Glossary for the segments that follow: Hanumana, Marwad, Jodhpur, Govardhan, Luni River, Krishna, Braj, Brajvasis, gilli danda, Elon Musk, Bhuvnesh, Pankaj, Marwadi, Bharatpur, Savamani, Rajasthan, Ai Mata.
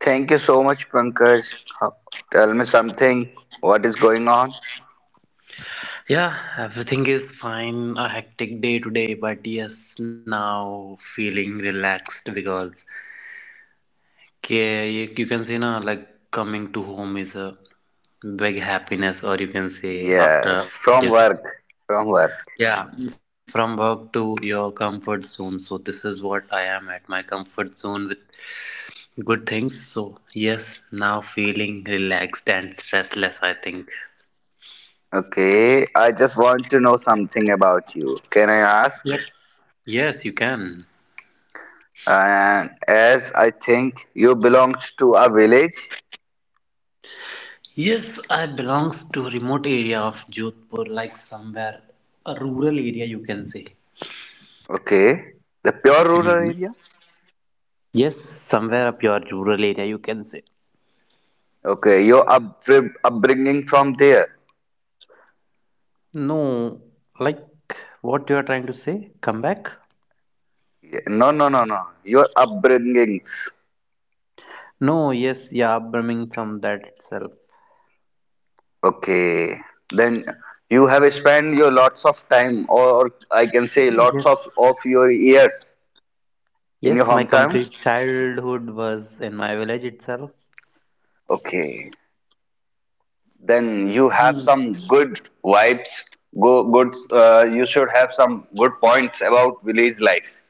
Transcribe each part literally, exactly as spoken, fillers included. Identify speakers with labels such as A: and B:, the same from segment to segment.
A: Thank you so much, Pankaj. Ho- Tell me something. What is going on?
B: Yeah, everything is fine. A hectic day today, but yes, now feeling relaxed because okay, you, you can say now like coming to home is a big happiness, or you can say
A: Yes,
B: after
A: from work.
B: is
A: From work.
B: yeah from work to your comfort zone. So this is what I am at my comfort zone with good things. So yes, now feeling relaxed and stressless. I think.
A: Okay, I just want to know something about you. Can I ask?
B: Yep. Yes, you can.
A: And as I think you belong to a village.
B: Yes, I belongs to remote area of Jodhpur, like somewhere a rural area you can say.
A: Okay, the pure rural
B: Mhm.
A: area.
B: Yes, somewhere up your rural area you can say.
A: Okay, your up upbringing from there.
B: No, like what you are trying to say? Come back?
A: Yeah, no, no, no, no. Your upbringings.
B: No, yes, yeah, Birmingham that itself.
A: Okay, then you have spent your lots of time, or I can say lots of
B: Yes.
A: of your years in your
B: Yes, my
A: hometown.
B: complete childhood was in my village itself.
A: Okay, then you have some good vibes. Go good. Uh, you should have some good points about village life.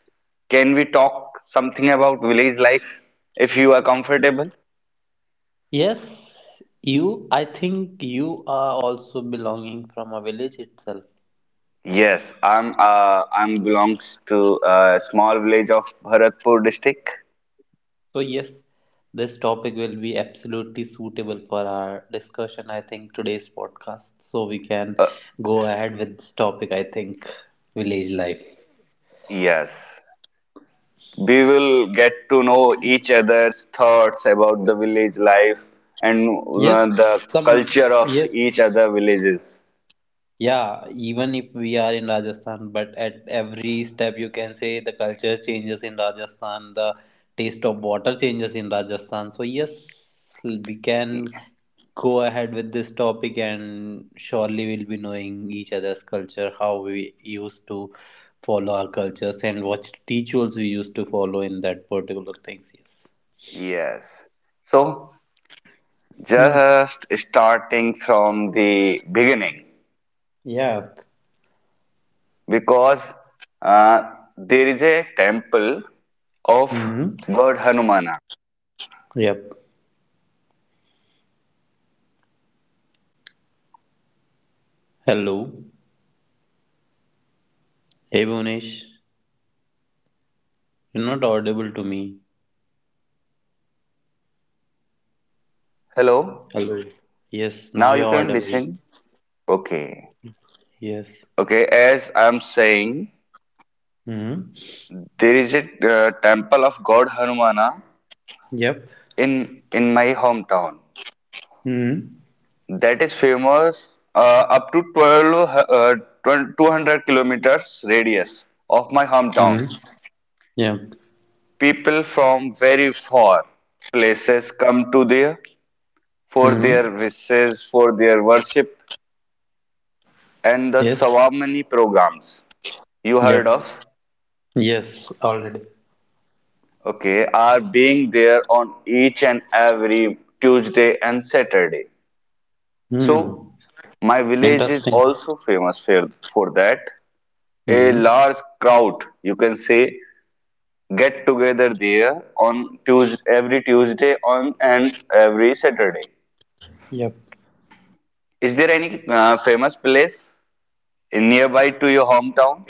A: Can we talk something about village life if you are comfortable?
B: Yes, you I think you are also belonging from a village itself.
A: Yes, I'm. Uh, I'm belongs to a small village of Bharatpur district.
B: So, yes, this topic will be absolutely suitable for our discussion, I think, today's podcast. So, we can
A: Uh,
B: go ahead with this topic, I think, village life.
A: yes. We will get to know each other's thoughts about the village life and uh, the
B: Yes, some,
A: culture of
B: yes,
A: each other villages.
B: yeah, even if we are in Rajasthan, but at every step you can say the culture changes in Rajasthan, the taste of water changes in Rajasthan. So yes, we can go ahead with this topic and surely we'll be knowing each other's culture, how we used to follow our cultures and what rituals we used to follow in that particular things. Yes.
A: Yes. So
B: Hmm.
A: just starting from the beginning
B: Yeah.
A: because uh, there is a temple of
B: Hmm.
A: God Hanumana.
B: Yep. Hello. Hey, Bhunesh. You're not audible to me.
A: Hello.
B: Hello. Yes, now
A: Now
B: you're
A: you can
B: audible.
A: listen. Okay.
B: Yes.
A: Okay, as I'm saying,
B: Mm-hmm.
A: there is a uh, temple of God Hanumana
B: Yep.
A: in in my hometown
B: Mm-hmm.
A: that is famous uh, up to twelve uh, twelve, two hundred kilometers radius of my hometown.
B: Mm-hmm. Yeah.
A: People from very far places come to there for their
B: Mm-hmm.
A: wishes for their worship, and the
B: Yes.
A: Savamani programs, you heard
B: Yep.
A: of,
B: Yes, already.
A: okay, are being there on each and every Tuesday and Saturday.
B: Mm.
A: So my village is
B: Interesting.
A: also famous for, for that. A
B: Mm-hmm.
A: large crowd, you can say, get together there on Tuesday, every Tuesday on and every Saturday.
B: Yep.
A: Is there any uh, famous place in nearby to your hometown?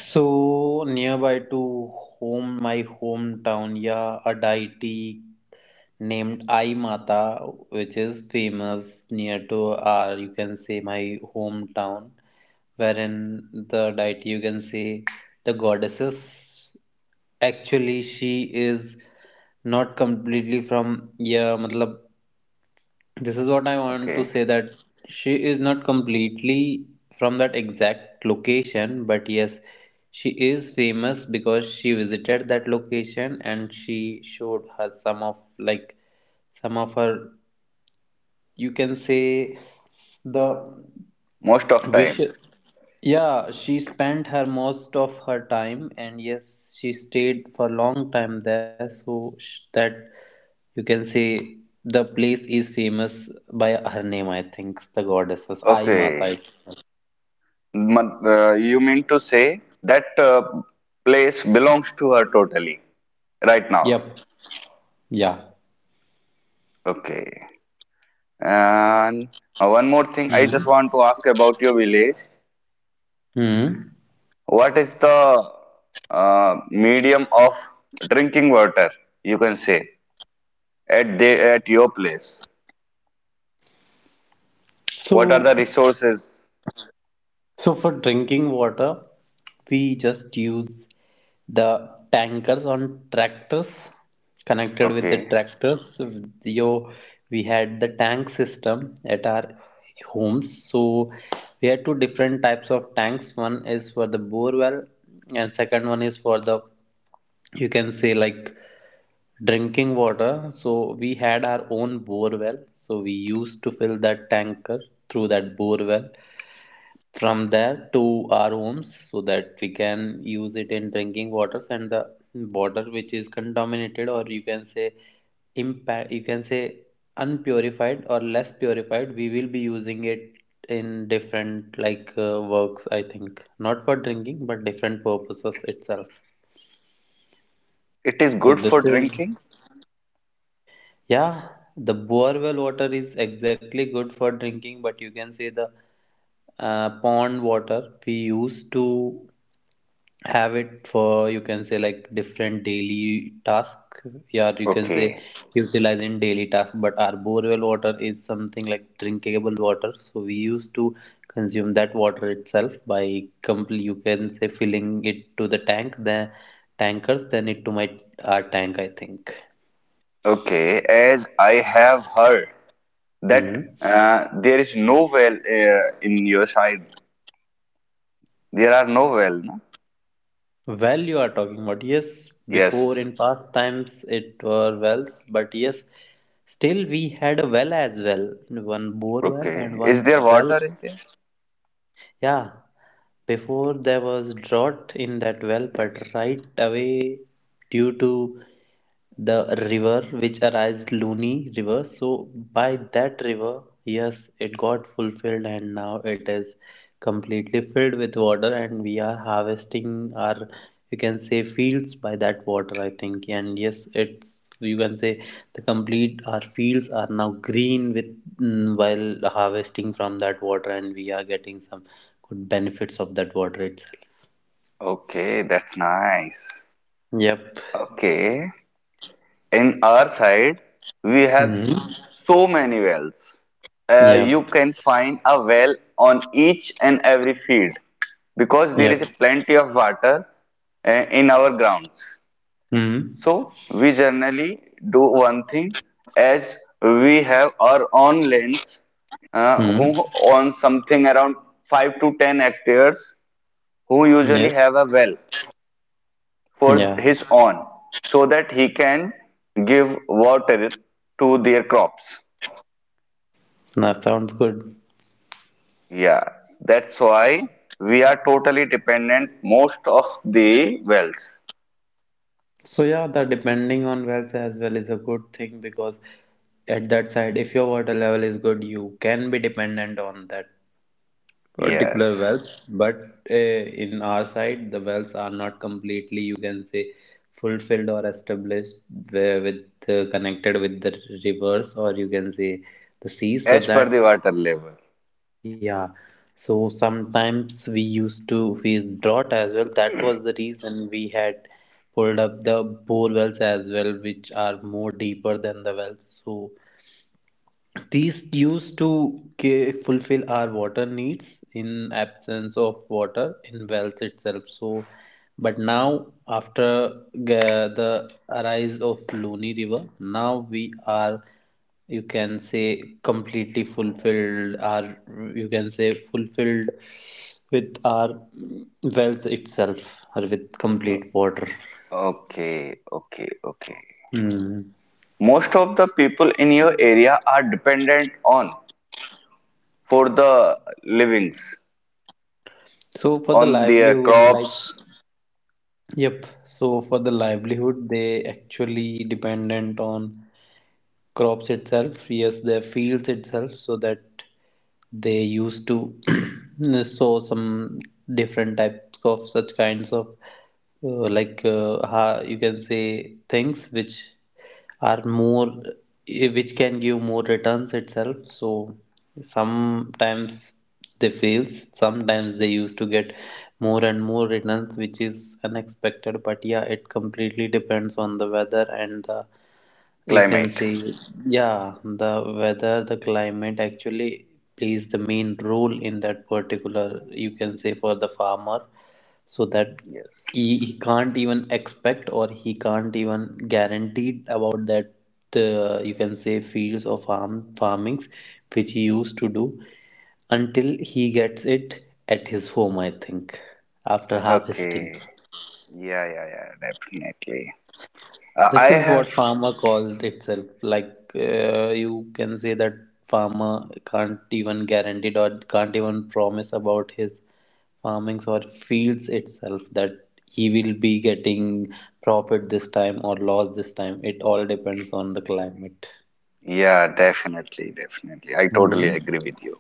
B: So nearby to home, my hometown, yeah, a deity named Ai Mata, which is famous near to our, you can say, my hometown, wherein the deity, you can say, the goddesses. Actually, she is not completely from yeah, मतलब this is what I want to
A: Okay,
B: say that she is not completely from that exact location, but yes, she is famous because she visited that location and she showed her some of like some of her you can say the
A: most of
B: wish
A: time.
B: yeah, she spent her most of her time, and yes, she stayed for a long time there. So sh- that you can say the place is famous by her name. I think the goddesses I
A: Okay,
B: Mata.
A: Ma- uh, you mean to say that uh, place belongs to her totally right now?
B: Yep. Yeah.
A: Okay. And uh, one more thing, I just
B: hmm
A: want to ask about your village.
B: Hmm.
A: What is the uh, medium of drinking water, you can say, at the, at your place? What are the
B: So
A: resources?
B: so for drinking water, we just use the tankers on tractors connected with the
A: Okay.
B: tractors. Yo, we had the tank system at our homes. So we had two different types of tanks. One is for the bore well, and second one is for the you can say like drinking water. So we had our own bore well. So we used to fill that tanker through that bore well from there to our homes so that we can use it in drinking waters and the water which is contaminated or you can say impact you can say unpurified or less purified we will be using it in different like uh, works, I think, not for drinking but different purposes itself
A: It is
B: so
A: good for
B: this is
A: drinking?
B: yeah the bore well water is exactly good for drinking but you can say the uh, pond water we use to have it for you can say like different daily task yeah you can say
A: Okay.
B: utilize in daily task but our borewell water is something like drinkable water so we used to consume that water itself by complete you can say filling it to the tank the tankers then it to my our tank I think.
A: Okay. As I have heard that
B: hmm
A: uh, there is no well uh, in your side. There are no well, no?
B: Well, you are talking about yes, before
A: Yes.
B: in past times it were wells, but yes, still we had a well as well, one bore well and
A: Okay. Is
B: one
A: there
B: well
A: water in there?
B: yeah, before there was drought in that well, but right away due to the river which arises Luni River. So by that river, yes, it got fulfilled and now it is completely filled with water and we are harvesting our you can say fields by that water I think and yes it's you can say the complete our fields are now green with mm, while harvesting from that water and we are getting some good benefits of that water itself.
A: Okay, that's nice.
B: Yep.
A: Okay. In our side we have
B: Mm-hmm.
A: so many wells, uh, you
B: Yep.
A: can find a well on each and every field because there is
B: Yep.
A: plenty of water uh, in our grounds,
B: Mm-hmm.
A: so we generally do one thing, as we have our own lands, uh, who
B: Mm-hmm.
A: own something around five to ten hectares, who
B: Yes.
A: usually have a well for
B: Yeah.
A: his own so that he can give water to their crops.
B: That sounds good.
A: Yeah, that's why we are totally dependent most of the wells.
B: So yeah, the depending on wells as well is a good thing because at that side, if your water level is good, you can be dependent on that particular
A: Yes,
B: wells. But uh, in our side, the wells are not completely, you can say, fulfilled or established where with uh, connected with the rivers or you can say the seas, so
A: as per
B: that
A: the water level.
B: yeah, so sometimes we used to face drought as well. That was the reason we had pulled up the bore wells as well, which are more deeper than the wells. So these used to ca- fulfill our water needs in absence of water in wells itself. So, but now after ga- the arise of Luni River, now we are you can say completely fulfilled our you can say fulfilled with our wells itself or with complete water.
A: Okay, okay, okay.
B: Hmm.
A: Most of the people in your area are dependent on for the livings,
B: So for the
A: on their
B: livelihood, like
A: crops,
B: yep. So for the livelihood, they actually dependent on crops itself yes their fields itself so that they used to sow some different types of such kinds of uh, like uh, ha- you can say things which are more eh, which can give more returns itself so sometimes they fails sometimes they used to get more and more returns which is unexpected but yeah it completely depends on the weather and the you can
A: climate.
B: see yeah the weather, the climate actually plays the main role in that particular you can say for the farmer so that
A: Yes.
B: he, he can't even expect or he can't even guaranteed about that uh, you can say fields of farm farmings which he used to do until he gets it at his home I think after harvesting.
A: Okay. Yeah, yeah, yeah, definitely. Uh, I
B: This is
A: have,
B: what farmer called itself. Like uh, you can say that farmer can't even guarantee or can't even promise about his farmings or fields itself that he will be getting profit this time or loss this time. It all depends on the climate.
A: yeah, definitely, definitely. I totally
B: hmm
A: agree with you.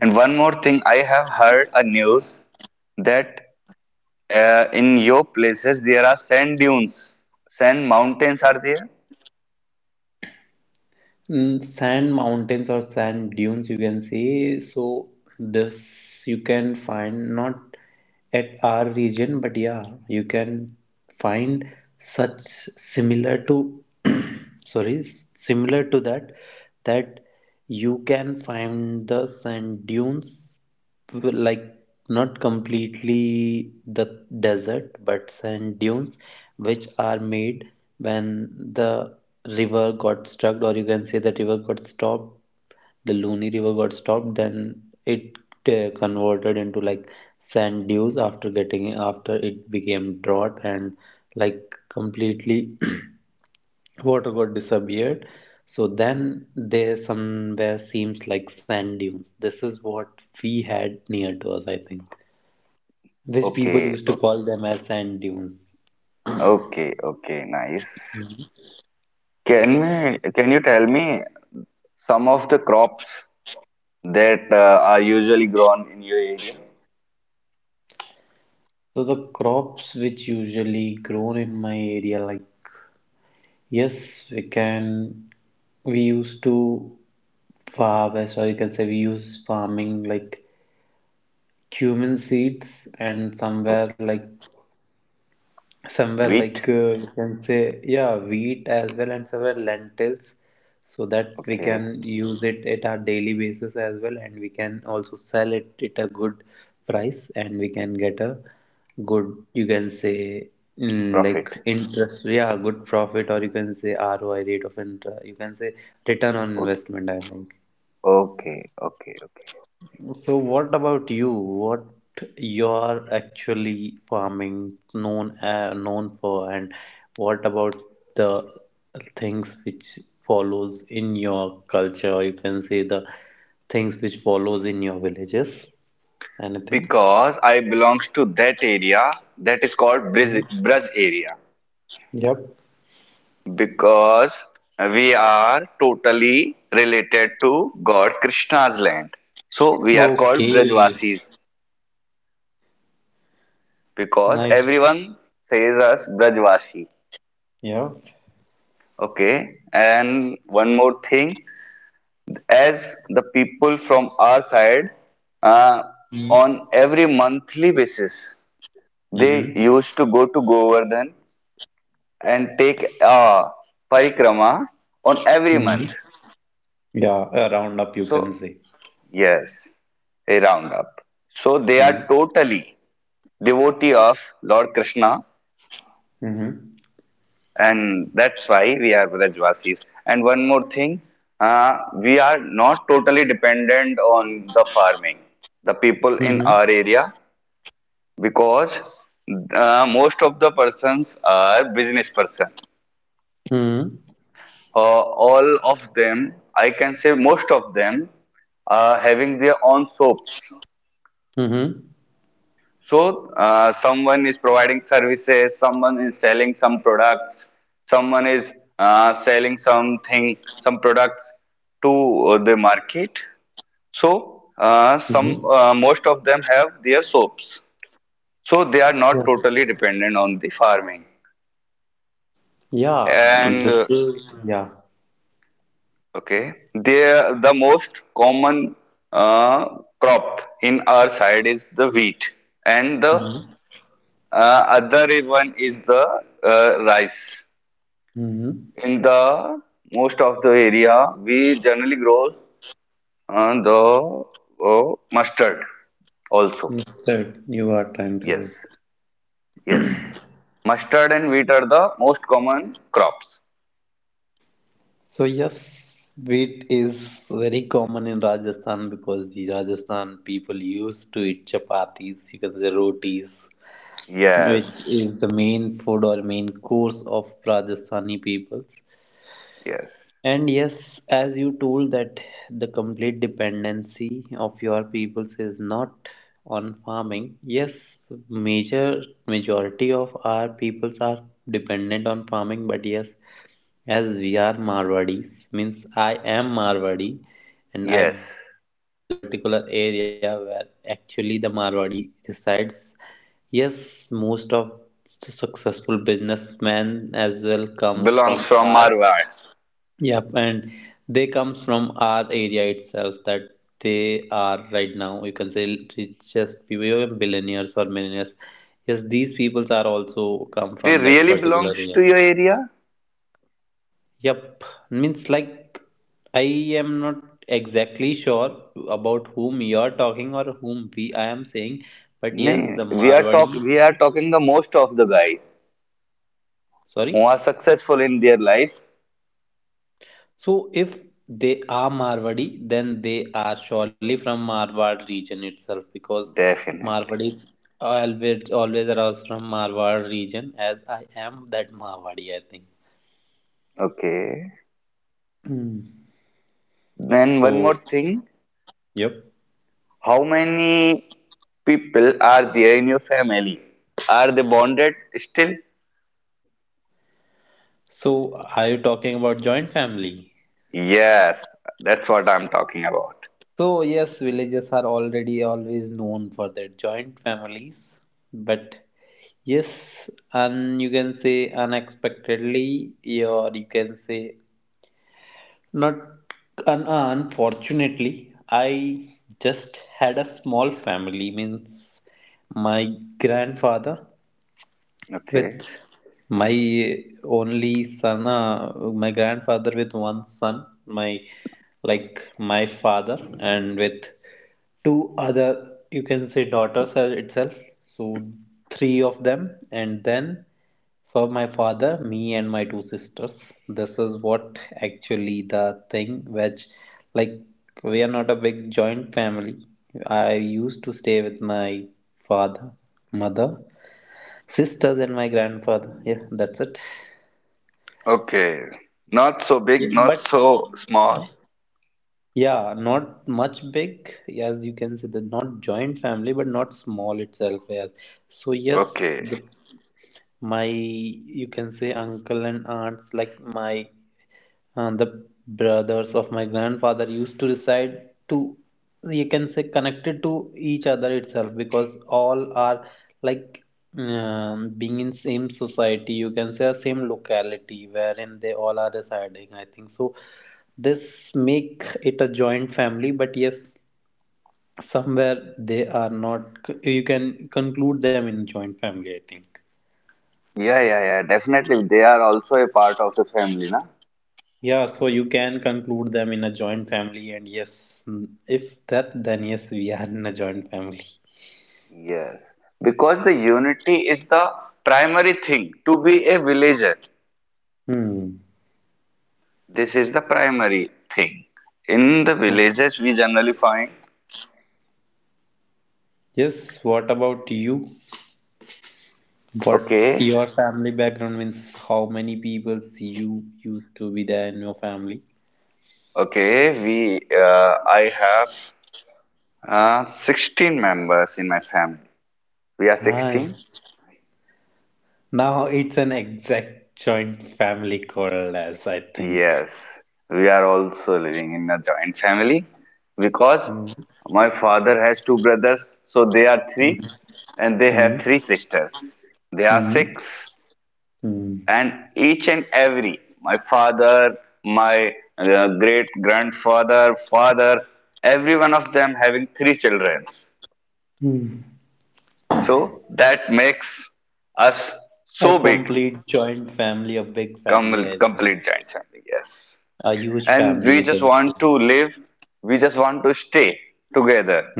A: And one more thing, I have heard a news that uh, in your places there are sand dunes, sand mountains are there?
B: Mm, sand mountains or sand dunes you can say so this you can find not at our region but yeah you can find such similar to sorry s- similar to that that you can find the sand dunes like not completely the desert but sand dunes which are made when the river got struck or you can say the river got stopped the Luni River got stopped, then it uh, converted into like sand dunes after getting after it became drought and like completely water got disappeared so then there somewhere seems like sand dunes this is what we had near to us I think which people
A: Okay,
B: used to
A: o-
B: call them as sand dunes.
A: okay, okay, nice. Can me, can you tell me some of the crops that uh, are usually grown in your area?
B: So the crops which usually grown in my area like yes we can we used to farm as or you can say we use farming like cumin seeds and
A: O-
B: somewhere like somewhere like
A: Wheat,
B: uh, we can say yeah wheat as well and somewhere lentils so that we can
A: okay,
B: use it at our daily basis as well and we can also sell it at a good price and we can get a good you can say mm, like
A: profit.
B: interest yeah good profit or you can say R O I rate of interest you can say return on
A: O-
B: investment I think.
A: Okay, okay, okay.
B: So what about you? What you are actually farming known uh, known for, and what about the things which follows in your culture? Or you can say the things which follows in your villages. Anything?
A: Because I belongs to that area that is called
B: Mhm.
A: Brij, Braj area.
B: Yep.
A: Because we are totally related to God Krishna's land. So we are called
B: Okay.
A: Brajvasis because
B: Nice.
A: everyone says us Brajvasi.
B: Yeah.
A: Okay. And one more thing, as the people from our side, uh,
B: Hmm.
A: on every monthly basis, they
B: Mm-hmm.
A: used to go to Govardhan and take a parikrama on every month.
B: Mm-hmm. Yeah. A roundup, you can
A: So,
B: say.
A: yes, a roundup. So, they are
B: Mm-hmm.
A: totally devotee of Lord Krishna,
B: Mm-hmm.
A: and that's why we are Brajvasis. And one more thing, uh, we are not totally dependent on the farming, the people in our area, because uh, most of the persons are business person,
B: Mm-hmm.
A: uh, all of them, I can say most of them, are having their own soaps.
B: Mm-hmm.
A: So uh, someone is providing services, someone is selling some products, someone is uh, selling something, some products to uh, the market. So uh,
B: Mm-hmm.
A: some uh, most of them have their soaps. So they are
B: Yeah.
A: not totally dependent on the farming.
B: Yeah,
A: And
B: this
A: uh,
B: is, yeah.
A: okay, there the most common uh, crop in our side is the wheat, and the
B: Mm-hmm.
A: uh, other one is the uh, rice.
B: Mm-hmm.
A: In the most of the area, we generally grow uh, the uh, mustard also.
B: That you are trying to say.
A: Yes, yes, mustard and wheat are the most common crops.
B: So yes, wheat is very common in Rajasthan because the Rajasthan people used to eat chapatis, you can say rotis,
A: Yes,
B: which is the main food or main course of Rajasthani peoples.
A: yes,
B: And yes, as you told that the complete dependency of your peoples is not on farming. Yes, major majority of our peoples are dependent on farming, but yes, as we are Marwadis, means I am Marwadi and I
A: yes.
B: belong to that particular area where actually the Marwadi resides. Yes, most of the successful businessmen as well comes
A: Belongs
B: from
A: from
B: our
A: Marwar.
B: yep, and they comes from our area itself that they are right now. You can say richest people, billionaires or millionaires. Yes, these peoples are also come
A: They
B: from that
A: really
B: particular
A: belongs
B: area.
A: to your area?
B: Yep, means like I am not exactly sure about whom you are talking or whom we I am saying, but
A: No,
B: yes, the
A: we are talk
B: Marwadi.
A: we are talking the most of the guys who
B: Sorry.
A: are successful in their life.
B: So if they are Marwadi, then they are surely from Marwad region itself because
A: Definitely.
B: Marwadis always always arouse from Marwad region as I am that Marwadi, I think.
A: Okay.
B: Hmm.
A: Then one more
B: So
A: thing.
B: yep.
A: How many people are there in your family? Are they bonded still?
B: So are you talking about joint family?
A: Yes, that's what I'm talking about.
B: So yes, villages are already always known for their joint families, but yes, and you can say unexpectedly, or you can say not an unfortunately, I just had a small family means my grandfather with
A: Okay.
B: my only son, uh, my grandfather with one son, my like my father, and with two other you can say daughters, uh, itself. So three of them, and then for my father, me and my two sisters. This is what actually the thing which like we are not a big joint family. I used to stay with my father, mother, sisters and my grandfather, yeah, that's it.
A: Okay. Not so big,
B: Yeah,
A: not
B: but
A: so small.
B: yeah, not much big, as you can see the not joint family but not small itself, yeah. So yes, the
A: Okay.
B: my you can say uncle and aunts, like my uh, the brothers of my grandfather used to reside to you can say connected to each other itself, because all are like um, being in same society, you can say a same locality wherein they all are residing, I think. So this make it a joint family, but yes, somewhere they are not, you can conclude them in joint family, I think.
A: Yeah, yeah, yeah. Definitely, they are also a part of the family, na?
B: Yeah, so you can conclude them in a joint family, and yes, mm, if that, then yes, we are in a joint family.
A: Yes, because the unity is the primary thing to be a villager.
B: Hmm.
A: This is the primary thing. In the villages, we generally find,
B: Yes, what about you? What
A: okay,
B: your family background means? How many people you used to be there in your family?
A: okay, we, uh, I have uh, sixteen members in my family. We are sixteen?
B: Nice. Now it's an exact joint family call, as I think.
A: Yes, we are also living in a joint family because
B: Hmm.
A: my father has two brothers, so they are three, and they
B: Hmm.
A: have three sisters. They are
B: Hmm.
A: six.
B: Hmm.
A: And each and every my father, my uh, great grandfather father, every one of them having three children,
B: Hmm.
A: so that makes us
B: A
A: so big,
B: complete joint family, a big
A: com-
B: family, I think.
A: complete giant family, yes.
B: A huge
A: And
B: family,
A: we
B: you
A: just
B: can say.
A: want to live we just want to stay together
B: Hmm.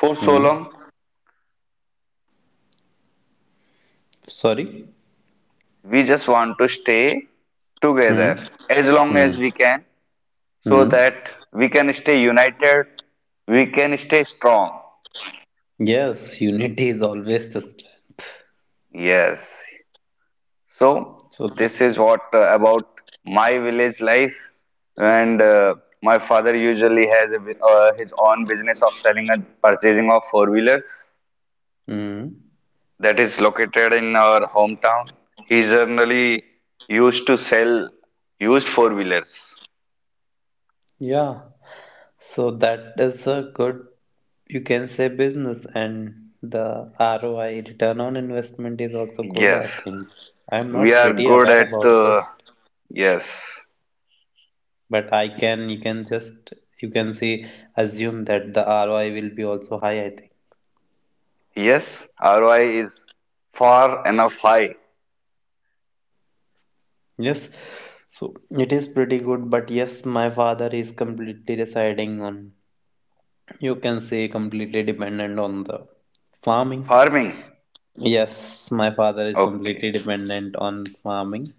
A: for
B: Hmm.
A: so long.
B: Sorry?
A: We just want to stay together
B: Hmm.
A: as long
B: Hmm.
A: as we can, so
B: Hmm.
A: that we can stay united, we can stay strong.
B: Yes, unity is always the strength.
A: Yes. So
B: So
A: this
B: this.
A: is what uh, about my village life, and uh, my father usually has a, bu- uh, his own business of selling and purchasing of four wheelers
B: Hmm.
A: that is located in our hometown. He generally used to sell used four wheelers.
B: Yeah. So that is a good, you can say, business, and the R O I, return on investment, is also good. I
A: Yes,
B: think I'm
A: we
B: not
A: are
B: pretty
A: good
B: aware
A: at
B: about this,
A: uh, yes,
B: but I can, you can just, you can say, assume that the R O I will be also high. I think.
A: yes. R O I is far enough high.
B: Yes. So it is pretty good, but yes, my father is completely residing on, you can say completely dependent on the farming.
A: Farming.
B: Yes, my father is
A: Okay.
B: completely dependent on farming.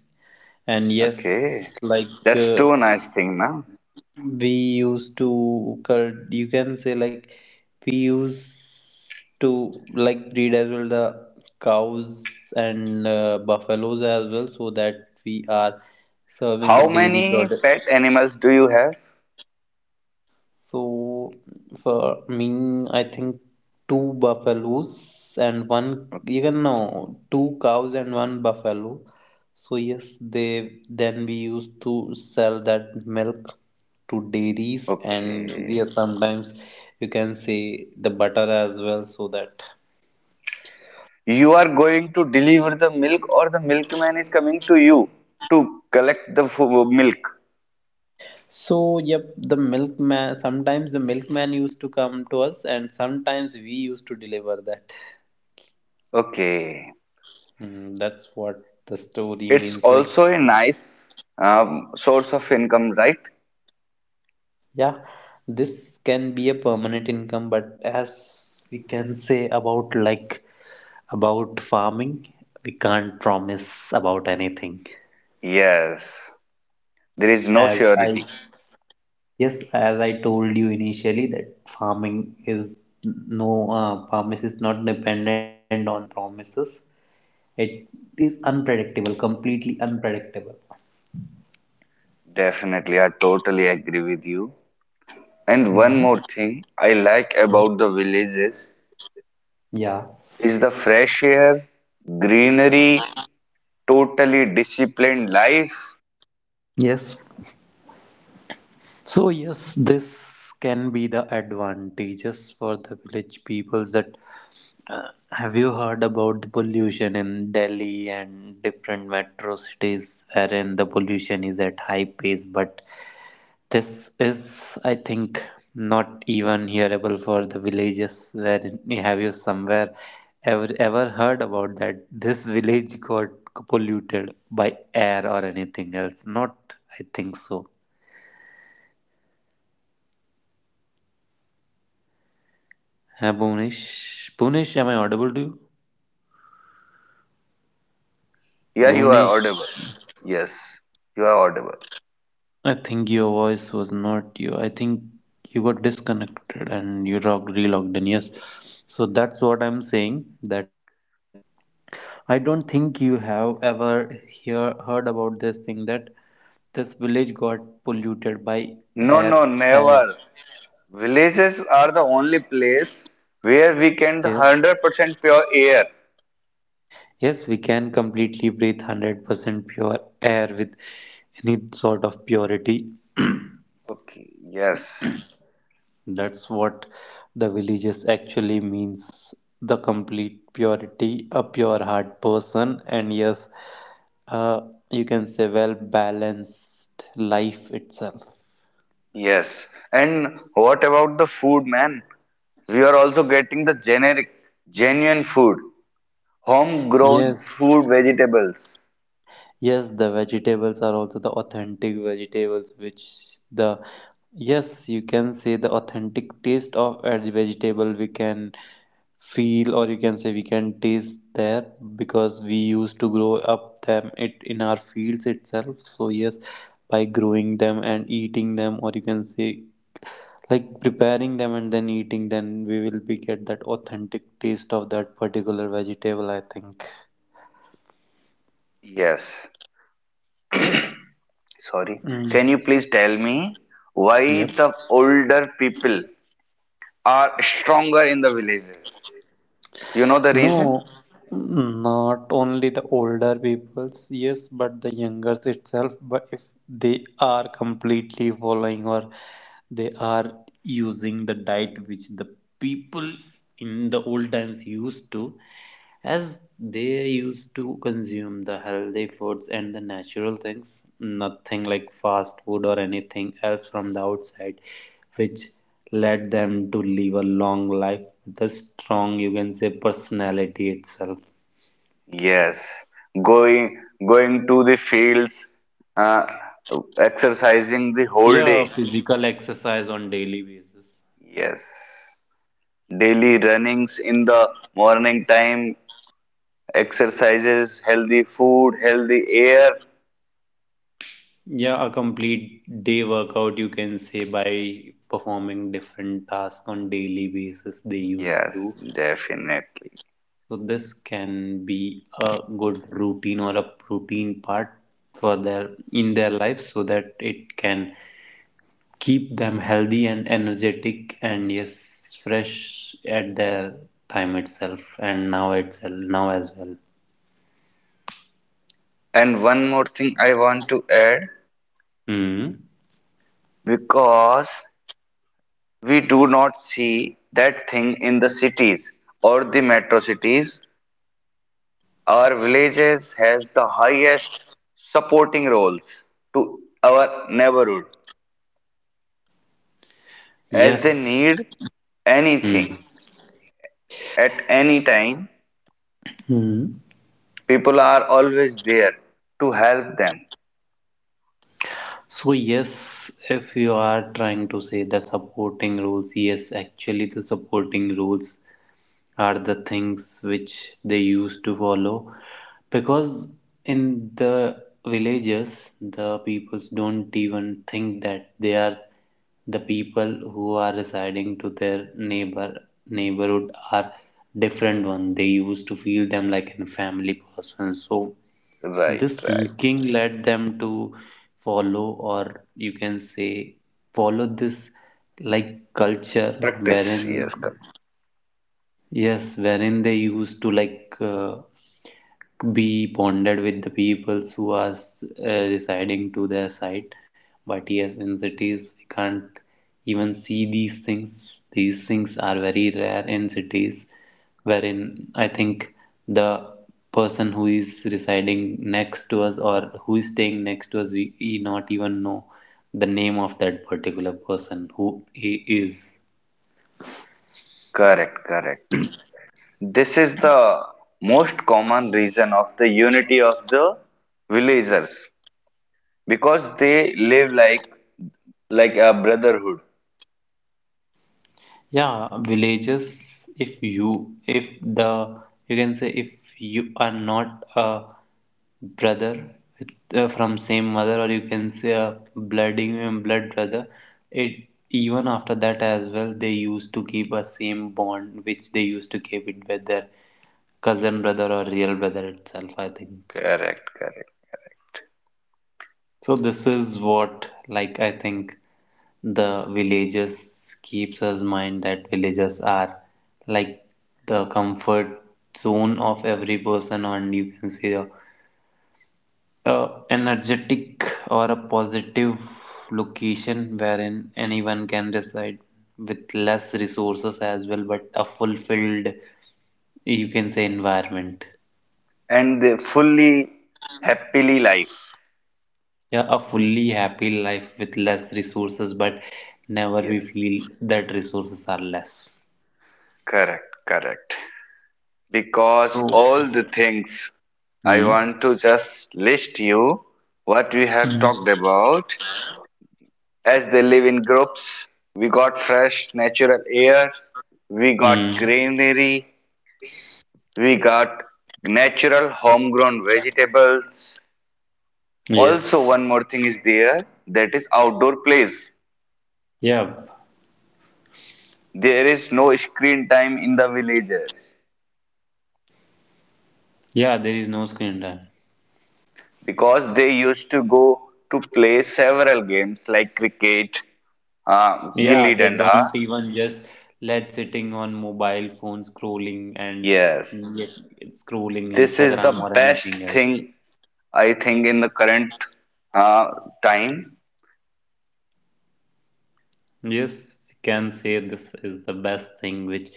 B: And
A: Okay,
B: yes, like
A: that's
B: uh,
A: too nice thing now.
B: we used to cult- you can say like we used to like breed as well the cows and, uh, buffaloes as well, so that we are serving the
A: How
B: dairy
A: many
B: product.
A: pet animals do you have?
B: So for me, I think two buffaloes and one,
A: O-
B: even no, two cows and one buffalo. So yes, they then we used to sell that milk to dairies, and
A: Okay,
B: yes, sometimes you can say the butter as well, so that.
A: you are going to deliver the milk, or the milkman is coming to you to collect the fo- milk.
B: So yep, the milkman, sometimes the milkman used to come to us and sometimes we used to deliver that.
A: Okay,
B: Hmm, that's what the story
A: it's
B: means. Like
A: also a nice um, source of income, right?
B: yeah, this can be a permanent income, but as we can say about like about farming, we can't promise about anything.
A: Yes, there is no
B: As I
A: surety.
B: Yes, as I told you initially that farming is no uh, promise is not dependent on the promises. It is unpredictable, completely unpredictable.
A: Definitely, I totally agree with you. And one more
B: Hmm.
A: thing I like about the villages
B: Yeah.
A: is the fresh air, greenery, totally disciplined life?
B: Yes. So yes, this can be the advantages for the village people that, uh, have you heard about the pollution in Delhi and different metro cities wherein the pollution is at high pace? But this is, I think, not even hearable for the villages, wherein have you somewhere ever ever heard about that this village got polluted by air or anything else? Not, I think so. Hi, Bhuvnesh. Bhuvnesh, am I audible to you?
A: Yeah, you are
B: Bhuvnesh,
A: audible. Yes, you are audible.
B: I think your voice was not you. I think you got disconnected and you log- relogged in. Yes. So that's what I'm saying, that I don't think you have ever hear, heard about this thing that this village got polluted by
A: No, no,
B: air as
A: never. Villages are the only place where we can the
B: yes.
A: one hundred percent pure air.
B: Yes, we can completely breathe one hundred percent pure air with any sort of purity.
A: Okay, yes,
B: That's what the villages actually means, the complete purity, a pure heart person, and yes, uh, you can say well balanced life itself.
A: yes. And what about the food, man? We are also getting the generic, genuine food, homegrown
B: Yes,
A: food, vegetables.
B: yes, the vegetables are also the authentic vegetables, which the yes, you can say the authentic taste of a vegetable we can feel, or you can say we can taste there, because we used to grow up them it in our fields itself. So yes, by growing them and eating them, or you can say like preparing them and then eating, then we will be get that authentic taste of that particular vegetable, I think.
A: Yes. Sorry.
B: Mm.
A: Can you please tell me why
B: Yep.
A: the older people are stronger in the villages? You know the reason?
B: No, not only the older peoples, yes, but the youngers itself. But if they are completely following, or they are using the diet which the people in the old times used to, as they used to consume the healthy foods and the natural things, nothing like fast food or anything else from the outside, which led them to live a long life with a strong you can say personality itself.
A: Yes. Going Going to the fields, uh, exercising the whole
B: Yeah,
A: day.
B: physical exercise on daily basis.
A: Yes. Daily runnings in the morning time, exercises, healthy food, healthy air.
B: Yeah, a complete day workout, you can say, by performing different tasks on daily basis they used to do.
A: Yes, definitely.
B: So this can be a good routine, or a routine part for their in their life, so that it can keep them healthy and energetic and yes fresh at their time itself and now itself now as well.
A: And one more thing I want to add
B: Hmm.
A: because we do not see that thing in the cities or the metro cities. Our villages has the highest supporting roles to our neighborhood as they
B: Yes.
A: need
B: Hmm.
A: anything at any time.
B: Hmm.
A: People are always there to help them.
B: So yes, if you are trying to say the supporting roles, yes, actually the supporting roles are the things which they used to follow, because in the villages the peoples don't even think that they are the people who are residing to their neighbor neighborhood are different one. They used to feel them like a family person, so
A: Right,
B: this
A: right.
B: thinking led them to follow, or you can say follow this like culture
A: Practice,
B: wherein
A: yes, cor-
B: yes, wherein they used to like, uh, be bonded with the peoples who are, uh, residing to their site. But yes, in cities we can't even see these things. These things are very rare in cities, wherein I think the person who is residing next to us, or who is staying next to us, we, we not even know the name of that particular person, who he is.
A: correct, correct. This is the most common reason of the unity of the villagers. Because they live like like a brotherhood.
B: Yeah, villages, if you if the you can say if you are not a brother with, uh, from same mother, or you can say a blooding and blood brother, it even after that as well they used to keep a same bond which they used to keep it with their cousin brother or real brother itself, I think.
A: Correct, correct,
B: So this is what, like I think the villages keeps us mind that villages are like the comfort zone of every person, and you can say a, a energetic or a positive location wherein anyone can reside with less resources as well, but a fulfilled you can say environment.
A: and they fully happily life.
B: Yeah, a fully happy life with less resources, but never
A: Yes,
B: we feel that resources are less.
A: correct, correct. Because
B: So,
A: all the things I
B: hmm.
A: want to just list you what we have talked about, as they live in groups. We got fresh natural air, we got
B: Hmm.
A: greenery, we got natural homegrown vegetables. Also,
B: Yes.
A: one more thing is there, that is outdoor plays.
B: Yeah.
A: There is no screen time in the villages
B: Yeah, there is no screen time.
A: because they used to go to play several games like cricket, uh, gilli
B: Yeah, they
A: danda.
B: don't even just let sitting on mobile phone scrolling and
A: Yes,
B: yet it's scrolling
A: this is the
B: Instagram or
A: best
B: anything else.
A: thing I think in the current uh, time.
B: Yes, we can say this is the best thing which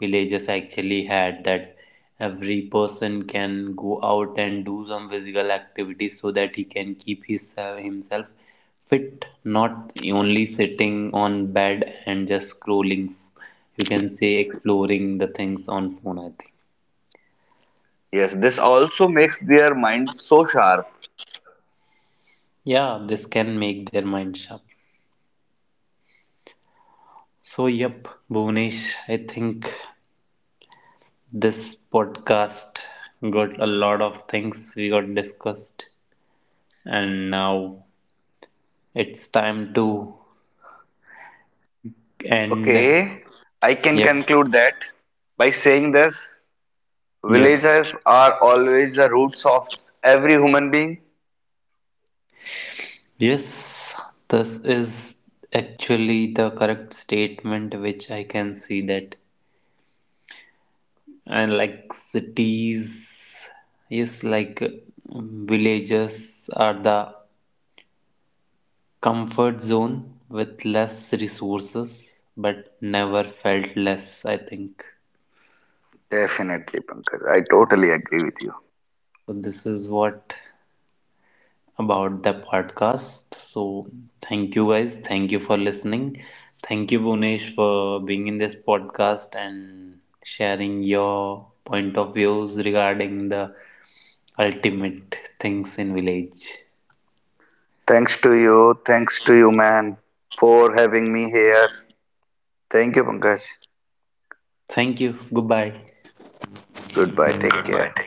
B: villages actually had, that every person can go out and do some physical activity so that he can keep his, uh, himself fit, not only sitting on bed and just scrolling. You can say exploring the things on phone, I think.
A: Yes, this also makes their mind so sharp.
B: Yeah, this can make their mind sharp. So, yep, Bhuvnesh, I think this podcast got a lot of things we got discussed, and now it's time to end.
A: Okay, I can
B: Yep.
A: conclude that by saying this.
B: Yes.
A: Villages are always the roots of every human being.
B: Yes. This is actually the correct statement which I can see that. And like cities, yes, like um, villages are the comfort zone with less resources, but never felt less, I think.
A: Definitely, Pankaj. I totally agree with you.
B: So this is what about the podcast. So thank you guys. Thank you for listening. Thank you Bunesh for being in this podcast and sharing your point of views regarding the ultimate things in village.
A: Thanks to you. Thanks to you, man, for having me here. Thank you, Pankaj.
B: Thank you. Goodbye.
A: Goodbye. Take care.